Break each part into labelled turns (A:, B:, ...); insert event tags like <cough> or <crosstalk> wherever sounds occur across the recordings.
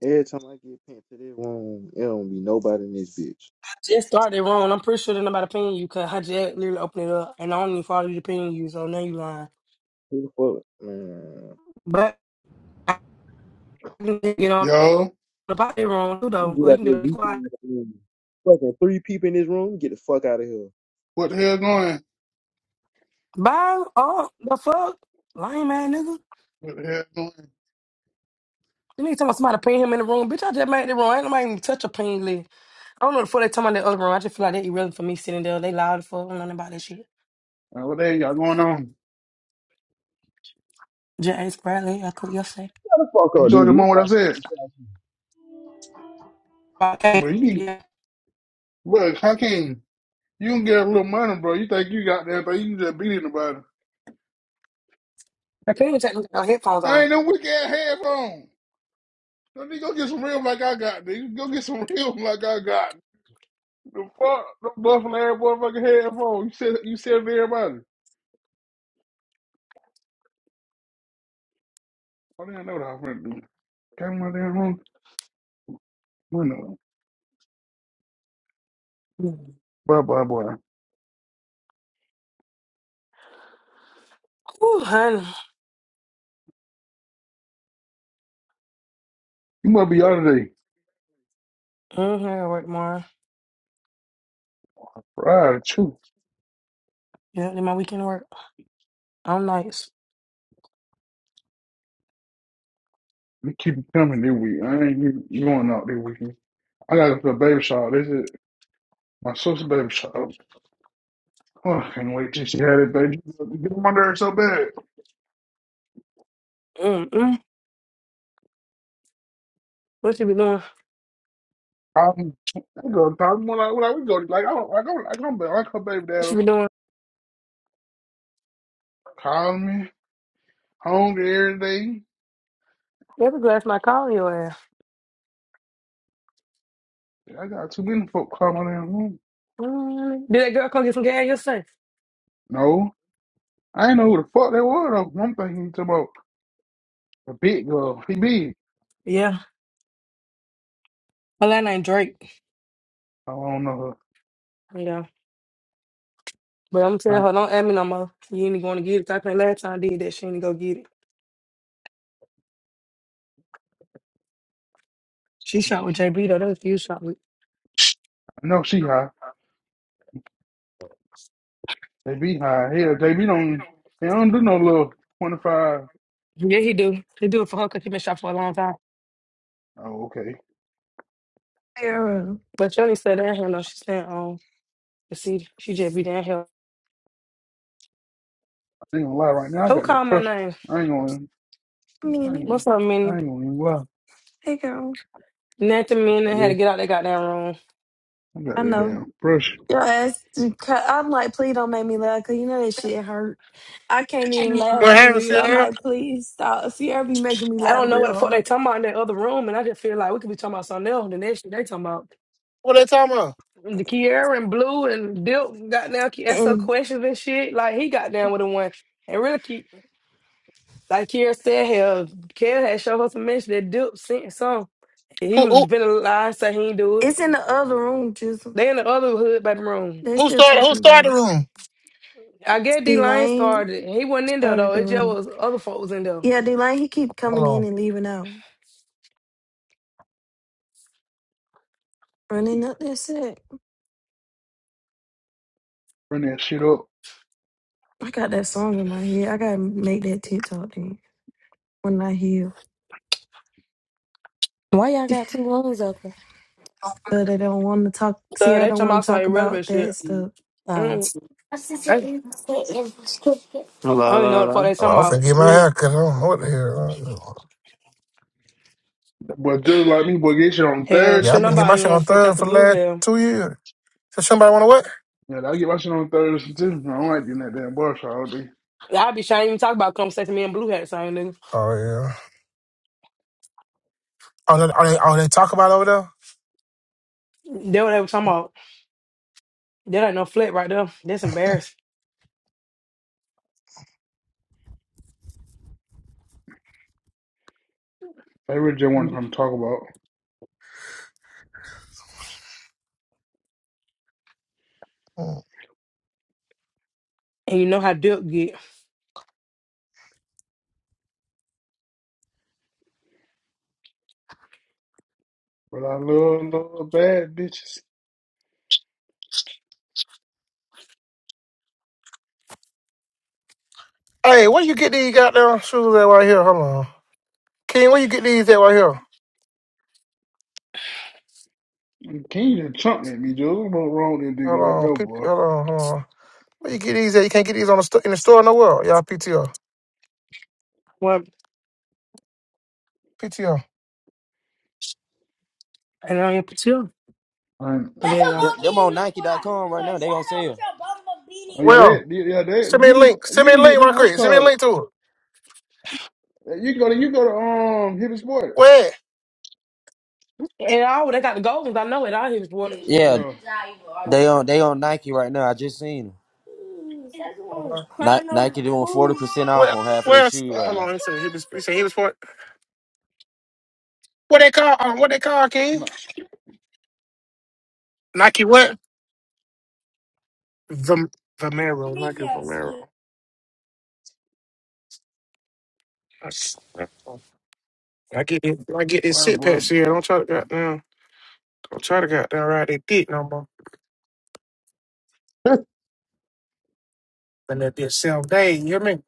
A: Every time I get pinned to this room, it don't be nobody in this bitch.
B: Just started wrong. I'm pretty sure that nobody paying you because Hajj literally opened it up and I don't even follow you to paying you, so now you lying.
A: Who the fuck, man?
B: But I didn't get on
C: Yo,
B: the body wrong too
A: You
B: though.
A: get
B: Or
A: out
B: you can
A: there,
B: just be
A: you
B: quiet.
A: can- fucking three people in this room. Get the fuck out of here.
C: what the hell going?
B: Bye. Oh the fuck? Lying man nigga.
C: What the hell going?
B: You need to tell somebody paying him in the room. Bitch, I just made it wrong. Ain't nobody even touch a pain list. I don't know the fuck they talking about that other room. I just feel like they irrelevant for me sitting there. They loud as fuck. I don't know nothing about that shit.
C: Uh, what the hell y'all going on?
B: J. A. asked Bradley. I could yesterday.
D: Shut the fuck
C: You
D: up,
C: told
D: DV.
C: your mom what I said.
B: But I can't.
C: Bro, you need,
B: Yeah.
C: bro, how can you don't get a little money, bro? You think you got that, but you can just beat anybody.
B: I can't even take my headphones
C: I
B: off.
C: ain't no weak ass headphone. No, nigga, go get some real like I got, nigga. Go get some <laughs> real like I got. The fuck, the buffalo ass motherfucking headphone. You said, you said it to everybody. I didn't know what I was gonna do. Came in my damn room. Boy, boy, boy.
B: Ooh, honey.
C: You must be out today.
B: Mm-hmm. I gotta work tomorrow.
C: Right, true.
B: Yeah, then my weekend work. I'm nice.
C: You keep it coming this week. I ain't even going out this weekend. I gotta go to a baby shower. This is my sister's baby shower. Oh, I can't wait till she had it, baby. Get them under her so bad.
B: Mm-mm. What she be doing? What
C: I'm, I go talk more like, like we go like I don't like I'm like I'm like her baby dad
B: she
C: or
B: be
C: something.
B: doing?
C: Call me hungry every day.
B: Every glass my call your ass.
C: I got too many folk calling in. the room.
B: Mm. Did that girl come get some gas yesterday?
C: No, I ain't know who the fuck they were though. One thing he talking about a big girl. He big.
B: Yeah. Her last name Drake.
C: I don't know
B: Yeah. But I'm
C: her.
B: telling
C: I
B: her, don't add me no more. You ain't going to get it. I think last time I did that, she ain't go get it. She shot with JB though. That was you shot with.
C: I know she high. They be high. Hell, they be don't they don't do no little twenty five.
B: Yeah, he do. He do it for her because he been shot for a long time.
C: Oh, okay.
E: Girl,
B: But Johnny said down here though. She said, um, the see, she just be down here.
C: I ain't gonna lie right now, I
B: Who
C: got that
B: called my
C: pressure.
B: name?
C: I ain't gonna I ain't
E: Manny,
C: gonna
B: What's up, Minnie?
C: I ain't gonna even lie.
E: hey girl.
B: Nothing,
C: I
B: Minnie. Had to
C: just-
B: get out that goddamn room.
C: I got
E: I
C: that
E: know.
C: damn pressure.
E: Your ass, I'm like, please don't make me laugh, cause you know that shit hurt. I can't even
F: What
E: laugh for
F: happened,
E: real. I'm
F: Sierra?
E: like, please stop. Sierra be making me
B: I
E: laugh
B: don't know what
E: real
B: the fuck they
E: hard.
B: talking about in that other room, and I just feel like we could be talking about something else. than that shit they talking about
F: What they talking about?
B: the Kiera and Blue and Dilt got down, Ki- asked her
E: And
B: questions and shit. Like he got down with the one, and really, Ki- like Kiera said, hell, Kiera had showed her some mention that Dilt sent some. And he
F: Who
B: was
F: who
B: been a lie, say he ain't do it.
E: it's in the other room, Jizzle.
B: They in the other hood back room.
E: They are
F: who
E: still
F: started who
E: talking about
F: started the
E: it.
F: room?
B: I guess D Line
E: D-Lane
B: started. it. He wasn't in there
E: started
B: though.
E: the
B: It just
E: room.
B: was other folks in there.
E: Yeah, D-Lane, he keep
F: Hold
E: coming in
F: on.
E: and leaving out. Running up that set.
C: Bring that shit up.
E: I got that song in my head. I gotta make that TikTok thing when I heal.
G: Why y'all got two rooms open?
E: But I don't want to talk.
B: So
E: Sierra
B: they
E: don't
B: talking
E: want
B: about
E: to
B: some
E: talk about
B: irrelevant
E: that
B: shit.
E: stuff.
G: Oh,
B: Mm, I, I
H: Hello, hello,
B: don't even know what the fuck
H: hello.
B: they
F: Hold on,
B: talking
F: I'm
B: about,
F: finna get my
B: really.
F: hair cut. I don't know what the hell.
C: But just like me, boy, get shit on
B: Hell,
F: Yeah,
B: shit,
F: I've
C: Thursday.
F: been getting
B: nobody
F: my
B: even
F: shit
B: want
F: on
B: to fuck out
F: Thursday
B: the
F: for the
B: blue
F: last
B: hell.
F: two years. So somebody wanna what?
C: Yeah, I get my shit on Thursday too. I don't like getting that damn bar shot all day.
B: I be shy even talk about conversation me and blue hat same nigga.
F: Oh yeah. Oh, they, oh, they, oh, they talk about over there?
B: That what they were talking about. That ain't no flat right there. That's embarrassing.
C: They really just want
B: And
C: something to talk about.
F: Hmm.
B: you know how Duke get.
C: But I love love bad bitches.
F: Hey, where you get these goddamn shoes at right here? Hold on. King, where you get these at right here?
C: Can King just chunked at me, dude. What's wrong with that nigga
F: Hold
C: right
F: on.
C: there,
F: P- P-
C: boy?
F: hold on, hold on. Where you get these at? You can't get these on the sto- in the store nowhere. Y'all PTO.
B: Well,
F: PTO.
B: and I ain't put you. Oh,
C: And,
B: there you go.
C: oh yeah,
F: Well,
C: that yeah, that
F: send me
C: you
F: a link.
C: can
F: Send
C: you
F: me a
C: can get
F: link
C: them.
F: right
C: What you
F: quick. Send me a
C: call it?
F: link to it.
C: You can go to you go to um Hibbs Sport.
F: Where?
B: And all they got the gold ones. I know it. I hear sports.
D: Yeah,
C: Yeah,
D: they on they on Nike right now. I just seen them. percent off
F: Well,
D: on half of their
F: well, s-
D: shoes
F: uh,
D: right
F: hold
D: now.
F: on. He said he was. He said he was for what they call. Um, what they call King
C: Not
F: Nike what? Vom, Vomero. Nike Vomero. That's- that's- I get it. I get this
C: boy,
F: sit
C: boy,
F: pets here.
C: boy.
F: Don't try to goddamn. Don't try to goddamn ride that dick no more.
C: <laughs>
F: And that this self day. You hear me?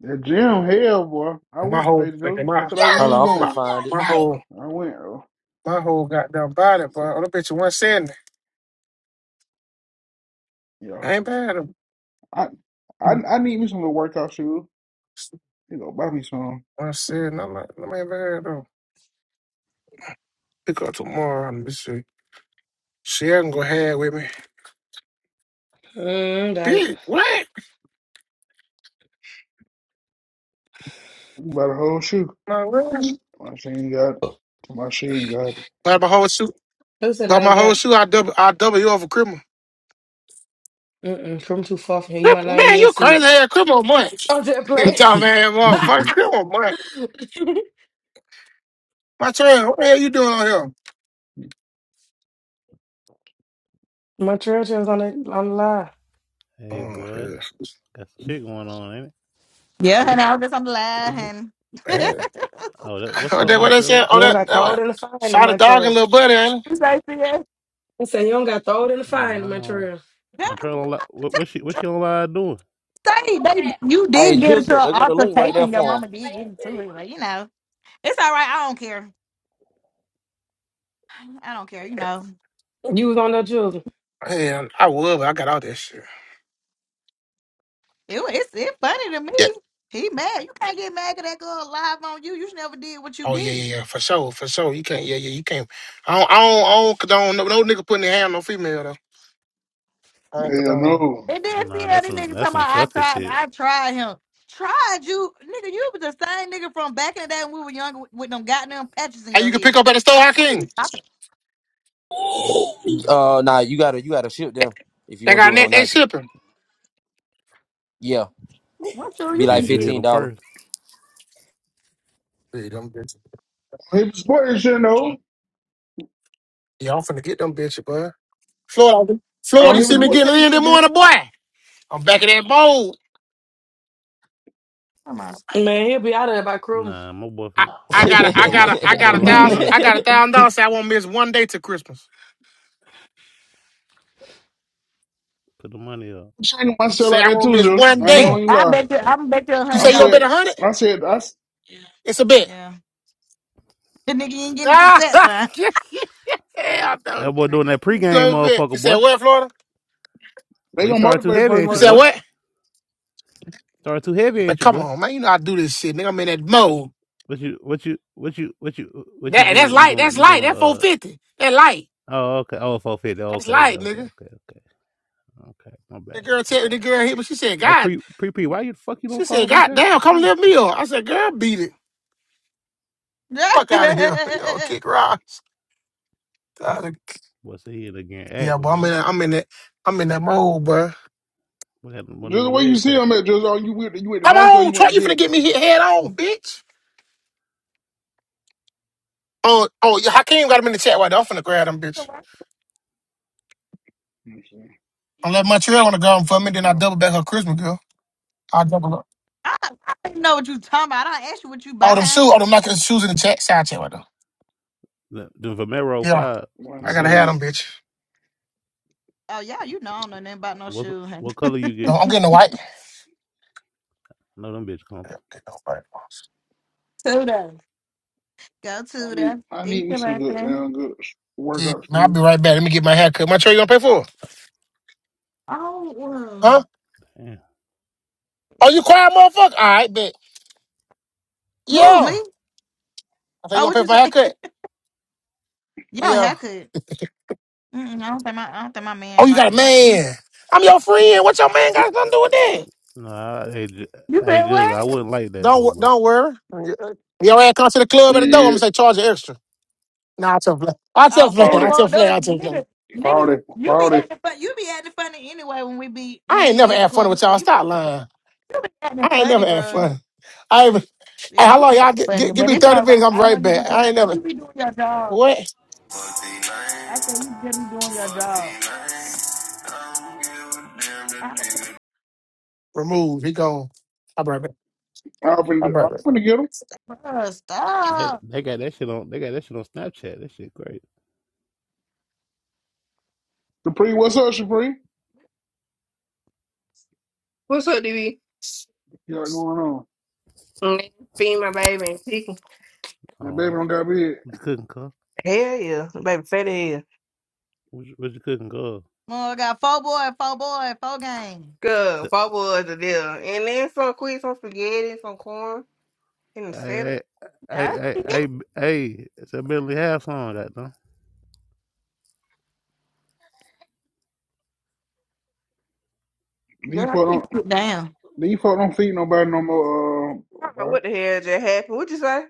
C: that gym, hell, boy. I
F: My
C: went today,
F: whole, like,
C: dude. I
F: my,
C: said I where You
F: my,
C: going.
F: my whole,
C: I went. oh.
F: my whole goddamn body,
C: I said,
F: boy. Oh, that bitch one seventy.
C: yo.
F: I ain't bad. at him.
C: I, I, I need me some little workout shoes. You know, buy me some.
F: One seventy. I'm like, I said, no, man, no man bad though. Pick up tomorrow and be see. She has go ahead with me.
B: Mm, got it.
F: Big, what?
C: You buy the whole shoe. My sheen got. My sheen got.
F: Like my whole shoe,
B: Who said I
F: like
B: ain't
F: my
B: got?
F: whole
B: it?
F: shoe, I double, I double you over criminal.
B: Mm-mm, from too far from here. You might
F: Crip-
B: not even be
F: Man,
B: able to
F: you
B: see
F: crazy
B: it.
F: ass criminal man.
B: I'm just
C: it.
B: playing.
F: Dumb <laughs> ass
C: <laughs>
F: motherfucker,
C: hell
F: criminal man. My turn. What the hell you doing on here?
B: <laughs> Montreal was on the on the line.
I: Hey, boy.
F: Oh,
I: Got some shit going on, ain't it?
J: Yeah, and I was just I'm
F: yeah.
J: laughing. <laughs>
F: Man.
I: Oh, that,
F: <laughs>
I: what's
F: What
I: up,
F: that? What they said?
I: Montreal?
B: You
F: Oh,
B: don't
I: Wait,
F: that.
B: got
F: that
B: thrown
F: what?
B: in the fire in
F: Shot a dog and
B: Montreal.
F: little buddy. Ain't
J: You say, yeah,
B: I said you don't got thrown in the
I: uh,
B: fire in
I: hold on.
B: Montreal.
J: yeah,
I: Montreal on
J: <laughs>
I: li- what, what she what she on live doing?
J: say they you
D: Hey
J: did get into
D: Jizzle,
J: an
D: they go to link right.
J: altercation. Your mama did get into it, like you know it's all right. I don't care. I don't care. You
F: it?
J: know
B: You was on that children.
F: Yeah, I would, but I got all that shit.
J: it. wa- It's it funny to
F: Yeah.
J: me. He mad. You can't get mad at that girl live on you. You should never did what you
F: Oh yeah,
J: did.
F: yeah, yeah. For sure, for sure. You can't. Yeah, yeah. You can't. I don't. I don't. I don't condone no, no nigga putting their hand on no female though. I don't condone.
C: no.
J: And
I: Oh,
J: then see
I: nah,
J: how
I: that's
J: this
I: some
J: nigga talking
I: that's some
J: about I
I: sucker
J: tried.
I: shit.
J: I tried him. Tried you, nigga. You was the same nigga from back in the day when we were younger with, with them goddamn patches in
F: And
J: your
F: you can pick
J: head.
F: up at the store, Hakeem.
J: Stop it.
D: Uh, nah, you gotta you gotta ship them if you
F: They
D: gonna
F: got
D: do it
F: net
D: on
F: they
D: Nike.
F: shipping.
D: Yeah,
J: What shoe
D: be
J: you
D: like
I: Did
J: finna
I: you hit
J: get?
D: fifteen
I: him
D: dollar.
I: first?
F: See them bitches.
C: Hibbs Sport, you should know.
F: Yeah, I'm finna get them bitches, boy. Florida,
C: I
F: Florida,
C: don't
F: you
J: What
C: Hibbs
F: see me
J: shoes you
C: Sport.
F: getting
J: finna
F: in this
J: get,
F: morning, boy. I'm back in that bowl.
J: I'm on.
B: Man, he'll be out of there by Christmas.
I: Nah, my boy,
F: I,
I: fin-
D: <laughs>
F: I
I: my,
F: got
I: my
F: a, I
I: boy,
F: got
I: lo-
F: a, I
I: my
F: got
I: boy
F: a
I: locked
C: <laughs>
F: thousand,
I: in.
F: I got a thousand dollars.
C: I'm
F: Say I won't miss one day till Christmas.
I: Put the money up.
C: training myself
F: Say
C: like
F: I
C: that
F: won't
C: too,
F: miss
C: Zeus.
F: one
I: You
C: I ain't
F: day.
C: gonna
J: Bet
C: even
J: I
C: lie.
J: bet you I'm bet you a
F: You
C: I
J: hundred
F: say you gonna
J: dollars.
F: bet
C: said,
F: a hundred?
C: I said, I,
F: It's a bet. <laughs>
J: Yeah. The nigga ain't getting to that time.
F: Ah, hell
I: that boy doing that
F: no,
I: pregame,
F: no bet. You
I: motherfucker,
F: said
I: boy.
F: what, Florida?
C: They
I: Boy, you
C: gonna
I: started too
C: motivate a
I: heavy,
C: person
I: ain't
F: You
I: you,
C: right
F: said
C: there.
I: boy?
F: what?
I: Started too heavy,
F: But
I: ain't you,
F: come
I: boy?
F: on, man, you know I do this shit, nigga. I'm in that mode.
I: What you what you what you what you what you
F: That and that's
I: doing? You
F: light.
I: doing
F: That's
I: you
F: light.
I: doing
F: That four
I: uh.
F: fifty. That light.
I: Oh okay. oh four fifty,
F: That's
I: Okay,
F: light,
I: okay,
F: nigga.
I: okay, okay, okay, okay. My
F: The
I: bad,
F: girl
I: my
F: tell me,
I: bad.
F: the girl hit me. She said,
I: Hey,
F: "God,"
I: pre pre pre, why you the fuck you
F: she
I: don't follow
F: said,
I: me
F: "God
I: back?
F: damn,
I: What's
F: come
I: wrong with
F: lift
I: you?
F: me up." I said, "Girl, beat it,
J: <laughs>
F: fuck out of here, <laughs> yo,
J: I,
F: kick rocks." Outta-
I: What's the head again?
F: Yeah,
I: Acting
F: but I'm
I: boy.
F: in, that, I'm in that, I'm in that mode, bro.
I: What happened? What
C: Just the
I: on the
C: way you
I: leg
C: see
I: press?
C: them at just oh you went you went to
F: Come
C: Nike or
F: on,
C: you
F: Troy,
C: went to
F: you finna
C: Hibbert.
F: get me hit head on, bitch. Oh, oh, yeah, Hakeem got him in the chat right there. I'm finna grab them, bitch.
C: You know what i
F: Unless Montreal wanna grab him for me, then I double back her Christmas girl. I double up.
J: I don't even know what you talking about. I don't ask you what you
F: Oh, them
J: buying.
F: shoes, Oh, them Nike shoes in the chat, side chat right there.
I: The, the Vomero
F: Yeah,
I: five.
C: one
F: I
I: Them
F: gotta have
I: zooms.
C: sitting
F: them, bitch.
J: Oh yeah, you know I don't know nothing about no
I: What
J: shoes.
I: what color you
F: No,
I: get?
F: I'm getting the white.
I: No, them bitch come.
F: Get the white.
J: Two dollars. <laughs> Go to
C: I need
J: the
C: I
J: It's
C: need me
J: your
C: some good
J: birthday.
C: damn good sh-
F: Yeah,
C: workout
F: man, I'll
C: shoes.
F: be right back. Let me get my hair cut. Montreal, you gonna pay for it?
J: Oh
F: Huh?
J: um,
I: Damn.
F: Oh, you cry, motherfucker? All right, bet.
J: who,
F: Yeah.
J: me?
F: I thought you
J: Oh
F: want
J: what
F: to pay
J: you
F: for my
J: say?
F: haircut?
J: <laughs> Yo,
F: Yeah.
J: haircut. Mm-mm, I don't think my I don't think my
F: Oh,
J: man
F: you
J: liked
F: got a
J: it. huh?
F: man. I'm your friend. What your man got something to do with that?
I: Nah, I, I ju-
J: You
I: I
J: said
I: just
J: what?
I: I wouldn't like that
F: Don't
I: though,
F: wor-
I: bro.
F: don't worry. "Yeah, Your ass come to the club at the door. I'm gonna
C: Shit.
F: say charge you extra. Nah, I tell play. I tell
J: off.
F: play. <laughs>
J: that's
C: Forty.
F: I tell
J: fucked
F: play.
J: those
F: I tell play.
J: nigga. Nigga,
C: Forty.
J: you be
C: Forty.
J: acting fun. You be acting funny anyway when we be when
F: I ain't
J: we be
F: never
J: at the
F: had fun
J: club and
F: with
J: stuff.
F: y'all.
J: You
F: Stop lying.
J: you be acting
F: I ain't
J: funny,
F: never had
J: bro.
F: fun. I ain't,
J: Yeah,
F: hey, how
J: You be
F: long
J: acting
F: y'all? Get,
J: funny,
F: get, give
J: but
F: me
J: it's
F: thirty
J: all right.
F: minutes. I'm
J: I know
F: right
J: you be
F: back. I
J: doing.
F: ain't never
J: You be doing your job.
F: what.
K: Fuck the name,
J: I say you just be doing your
K: fuck the
J: job.
K: name. I don't give a damn,
J: I
K: that
J: was
K: nigga
F: Remove. He gone. I'm right back.
C: I'm finna
F: I'm right back.
C: I'm finna get them.
J: like, bro,
I: They
J: stop.
I: they got that shit on they got that shit on Snapchat. That shit great.
C: Supreme, what's up, Supreme?
L: What's up, DB?
C: you what's going on?
L: Mm, Feed my baby. and chicken.
C: That
I: Oh,
C: baby
I: what
C: don't got big.
I: you cooking, cuz?
L: Hell yeah. The Baby fat as hell.
I: What you, what you cooking, cuz?
J: Well, I got four boy, four boy, four game.
L: Good. What was the deal? And then some quick, some spaghetti, some corn, and a
I: I
L: salad.
I: I I I
J: That's
I: I I
J: it.
I: I- hey, it's a Bentley half on that, though.
C: These
J: Girl, I
C: folk
I: Mm.
J: think
C: don't
J: sit down.
C: these folk don't feed nobody no more uh
L: I don't know
C: nobody.
L: what the hell just happened. What you say?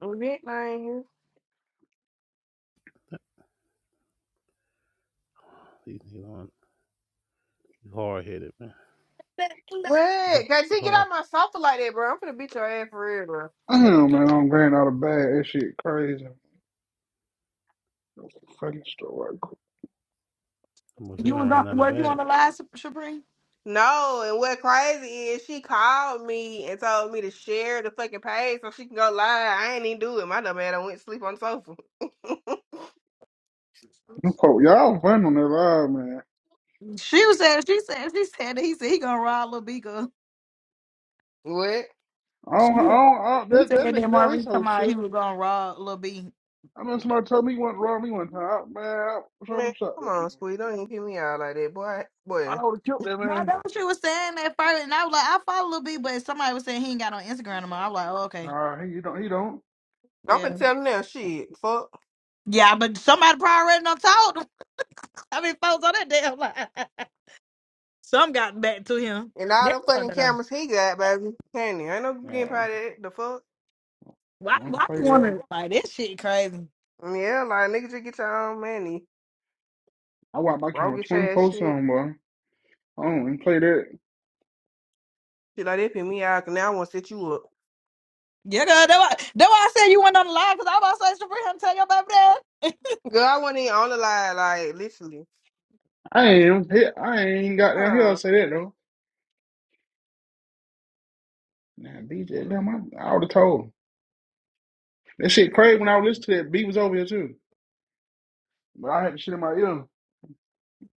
L: Red, I ain't here.
I: He, he, hard- headed, man. He hard,
L: What? Can't
I: he
L: you get
I: hard.
L: out my sofa like that, bro? I'm finna beat your ass for real, bro.
C: Damn man, I'm grand out of bag. That shit crazy. Fucking store. right quick.
J: You was
I: Mosina
J: on,
I: ran out of
J: was you
I: bag.
J: on the live, Supreme?
L: No, and what crazy is she called me and told me to share the fucking page so she can go live. I ain't even do it. My dumb ass I went to sleep on the sofa.
C: Them folk- Y'all fun on that live, man.
J: She was saying, she said, she said that he said he gonna ride Lil Bika.
L: <laughs> what?
C: I
J: She
C: don't, I
J: he
C: don't, I, that,
J: said
C: that
J: that
C: nigga down, he's
J: Maurice
C: so
J: come out, he
C: silly.
J: was gonna rob Lil B.
C: I mean, somebody told me he wasn't wrong me one time. I, man, I wish I
L: Man,
C: would shot
L: come
C: that man.
L: on, Squeak. Don't even pee me out like that, boy. Boy.
C: I would have killed that
J: No,
C: man.
J: that's what she was saying at first, and I was like, I follow Lil B, but somebody was saying he ain't got on Instagram no more. I was like, oh, okay,
C: Nah, he, he don't, he don't.
L: I'm gonna
J: yeah,
L: tell him now, shit. Fuck.
J: yeah, but somebody probably already done told him. <laughs> I mean, folks on that damn line. <laughs> Some got back to him.
L: And all
J: That's
L: them
J: what
L: fucking
J: I done.
L: cameras he got, baby. Candy. Ain't no
C: Yeah,
L: getting part of
C: I
L: that. The fuck?
J: Why? Why
C: don't
J: you
C: play that.
J: wanna like this shit crazy?
L: Yeah, like, nigga, just get your own money.
C: I watch my
L: Roll
C: camera
L: get your ass
C: 24
L: shit.
C: 7, boy. I don't even play that.
L: Shit like that, pee me out. 'cause now I wanna set you up.
J: Yeah, girl, that's why, that's why I said you went on the live because I was about to say, Sabrina, I'm tell your baby
L: Girl, I wasn't even on the line, like, literally.
C: I ain't, hit, I ain't got
L: Hold
C: down here
L: on.
C: to say that, though. Nah, BJ, damn, I, I would have told him. That shit crazy when I was listening to that. B was over here, too. But I had the shit in my ear.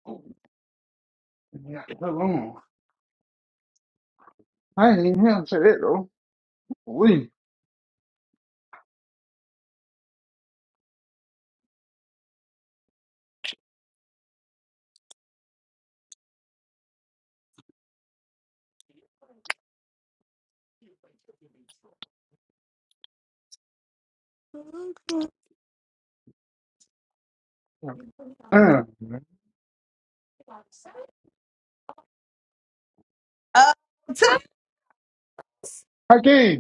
C: Oh, yeah, hold on. I ain't even here to say that, though. We. Uh,
J: dad. <laughs> Oh,
C: Hakeem.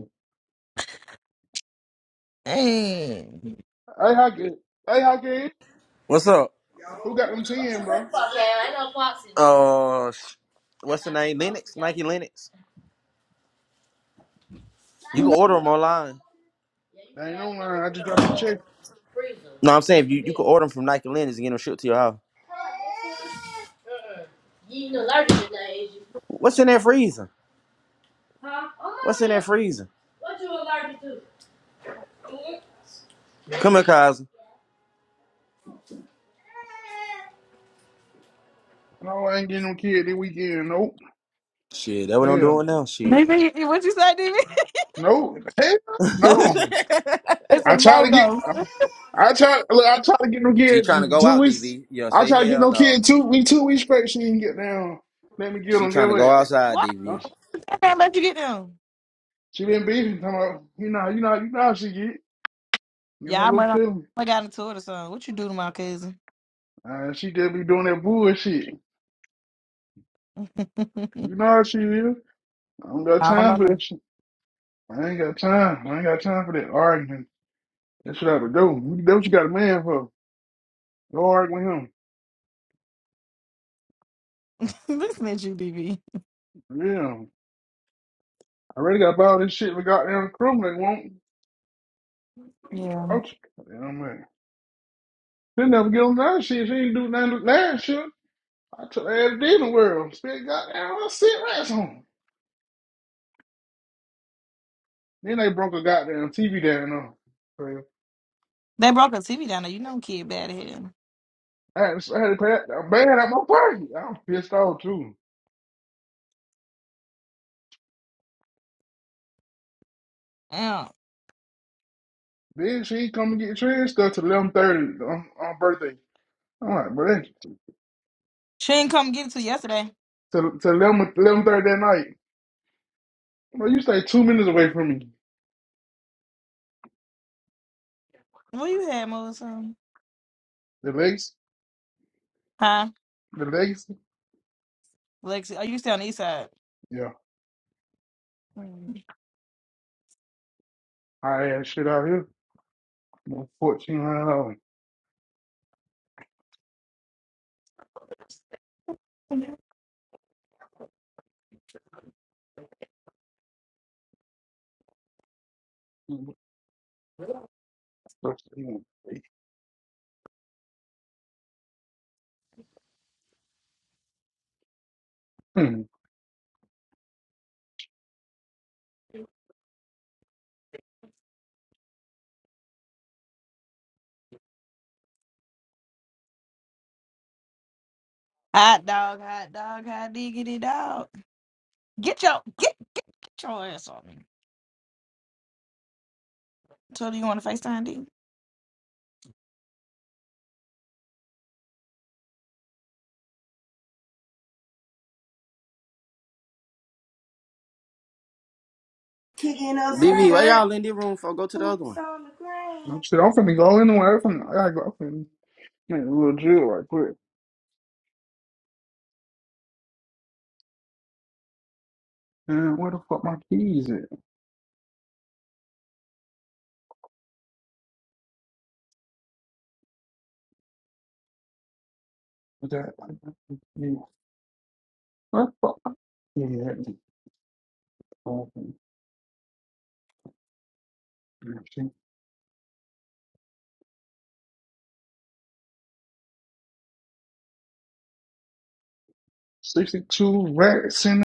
J: dang.
C: Hey, Hockey. Hey, Hockey.
D: what's up?
C: Who got them 10, bro?
D: Uh, sh- what's the name? Linux, Nike Linux. You can order them online.
C: I ain't on line. I just dropped a check.
D: No, I'm saying if you you can order them from Nike Linux and get them shipped to your house. What's in that freezer? What's in that freezer? Come here, Cosmo.
C: No, I ain't getting no kid this weekend. Nope.
D: Shit, that what I'm
C: Hell.
D: doing now. Shit.
J: Maybe what you say, D. B. <laughs>
C: No. Hell no.
D: <laughs>
J: It's a
C: I tried
J: no
C: to get,
J: go.
C: I tried, look, I tried to get no
D: she trying to
C: kid
D: go
C: two
D: out,
C: weeks.
D: DV. Yo,
C: I
D: say
C: tried to get
D: hell
C: no
D: no.
C: kid two, we two weeks straight. She didn't get down. Let me get
D: She
C: him. Get
D: trying to go
C: what?
D: outside,
J: Why
C: No,
D: DV.
J: I can't let you get them?
C: she been beating. Talking about, you know, you know, you know how she get. You know
J: Yeah,
C: her
J: I might
C: little
J: not-
C: feeling.
J: I got into it or something. What you do to my cousin?
C: Uh, she just be doing that bullshit.
J: <laughs>
C: You know how she is. I don't got
J: I don't
C: time
J: know.
C: for
J: Now.
C: that shit. I ain't got time. I ain't got time for that arguing. That shit out the door. You- That's what you got a man for. Go argue with him.
J: <laughs> Listen at you, D. B.
C: Yeah. I already got all this shit with goddamn crew they won't.
J: Yeah,
C: Oh, damn man. They never get on that shit. She ain't do nothing last year. I took her ass to the world. Spent goddamn I sit rats on. Then they broke a goddamn TV down on. So,
J: they broke a TV down there. You know, kid bad at him.
C: I had, to- I had to pay that that bad out my pocket. I was pissed off too.
J: Yeah,
C: Then she come and get trans stuff till eleven thirty on, on birthday. I'm like, bro,
J: she didn't come get it till yesterday.
C: to to eleven eleven thirty that night. Bro, you stay two minutes away from me.
J: Where you had, Mo? or Something?
C: The legs,
J: Huh?
C: the legs.
J: Lexi? Oh, you stay on the east side?
C: Yeah,
J: Hmm.
C: I had shit out here. Fourteen hundred dollars. Hmm.
J: Hot dog, hot dog, hot diggity dog. Get your get, get your ass on. So do you want to FaceTime D?
D: All in the room for go to
C: No Shit, I'm finna go anywhere. I'm finna, I gotta go. I'm finna make a little drill right quick. Man, where the fuck my keys at? Is That, yeah. where the fuck my keys at? Sixty-two racks in.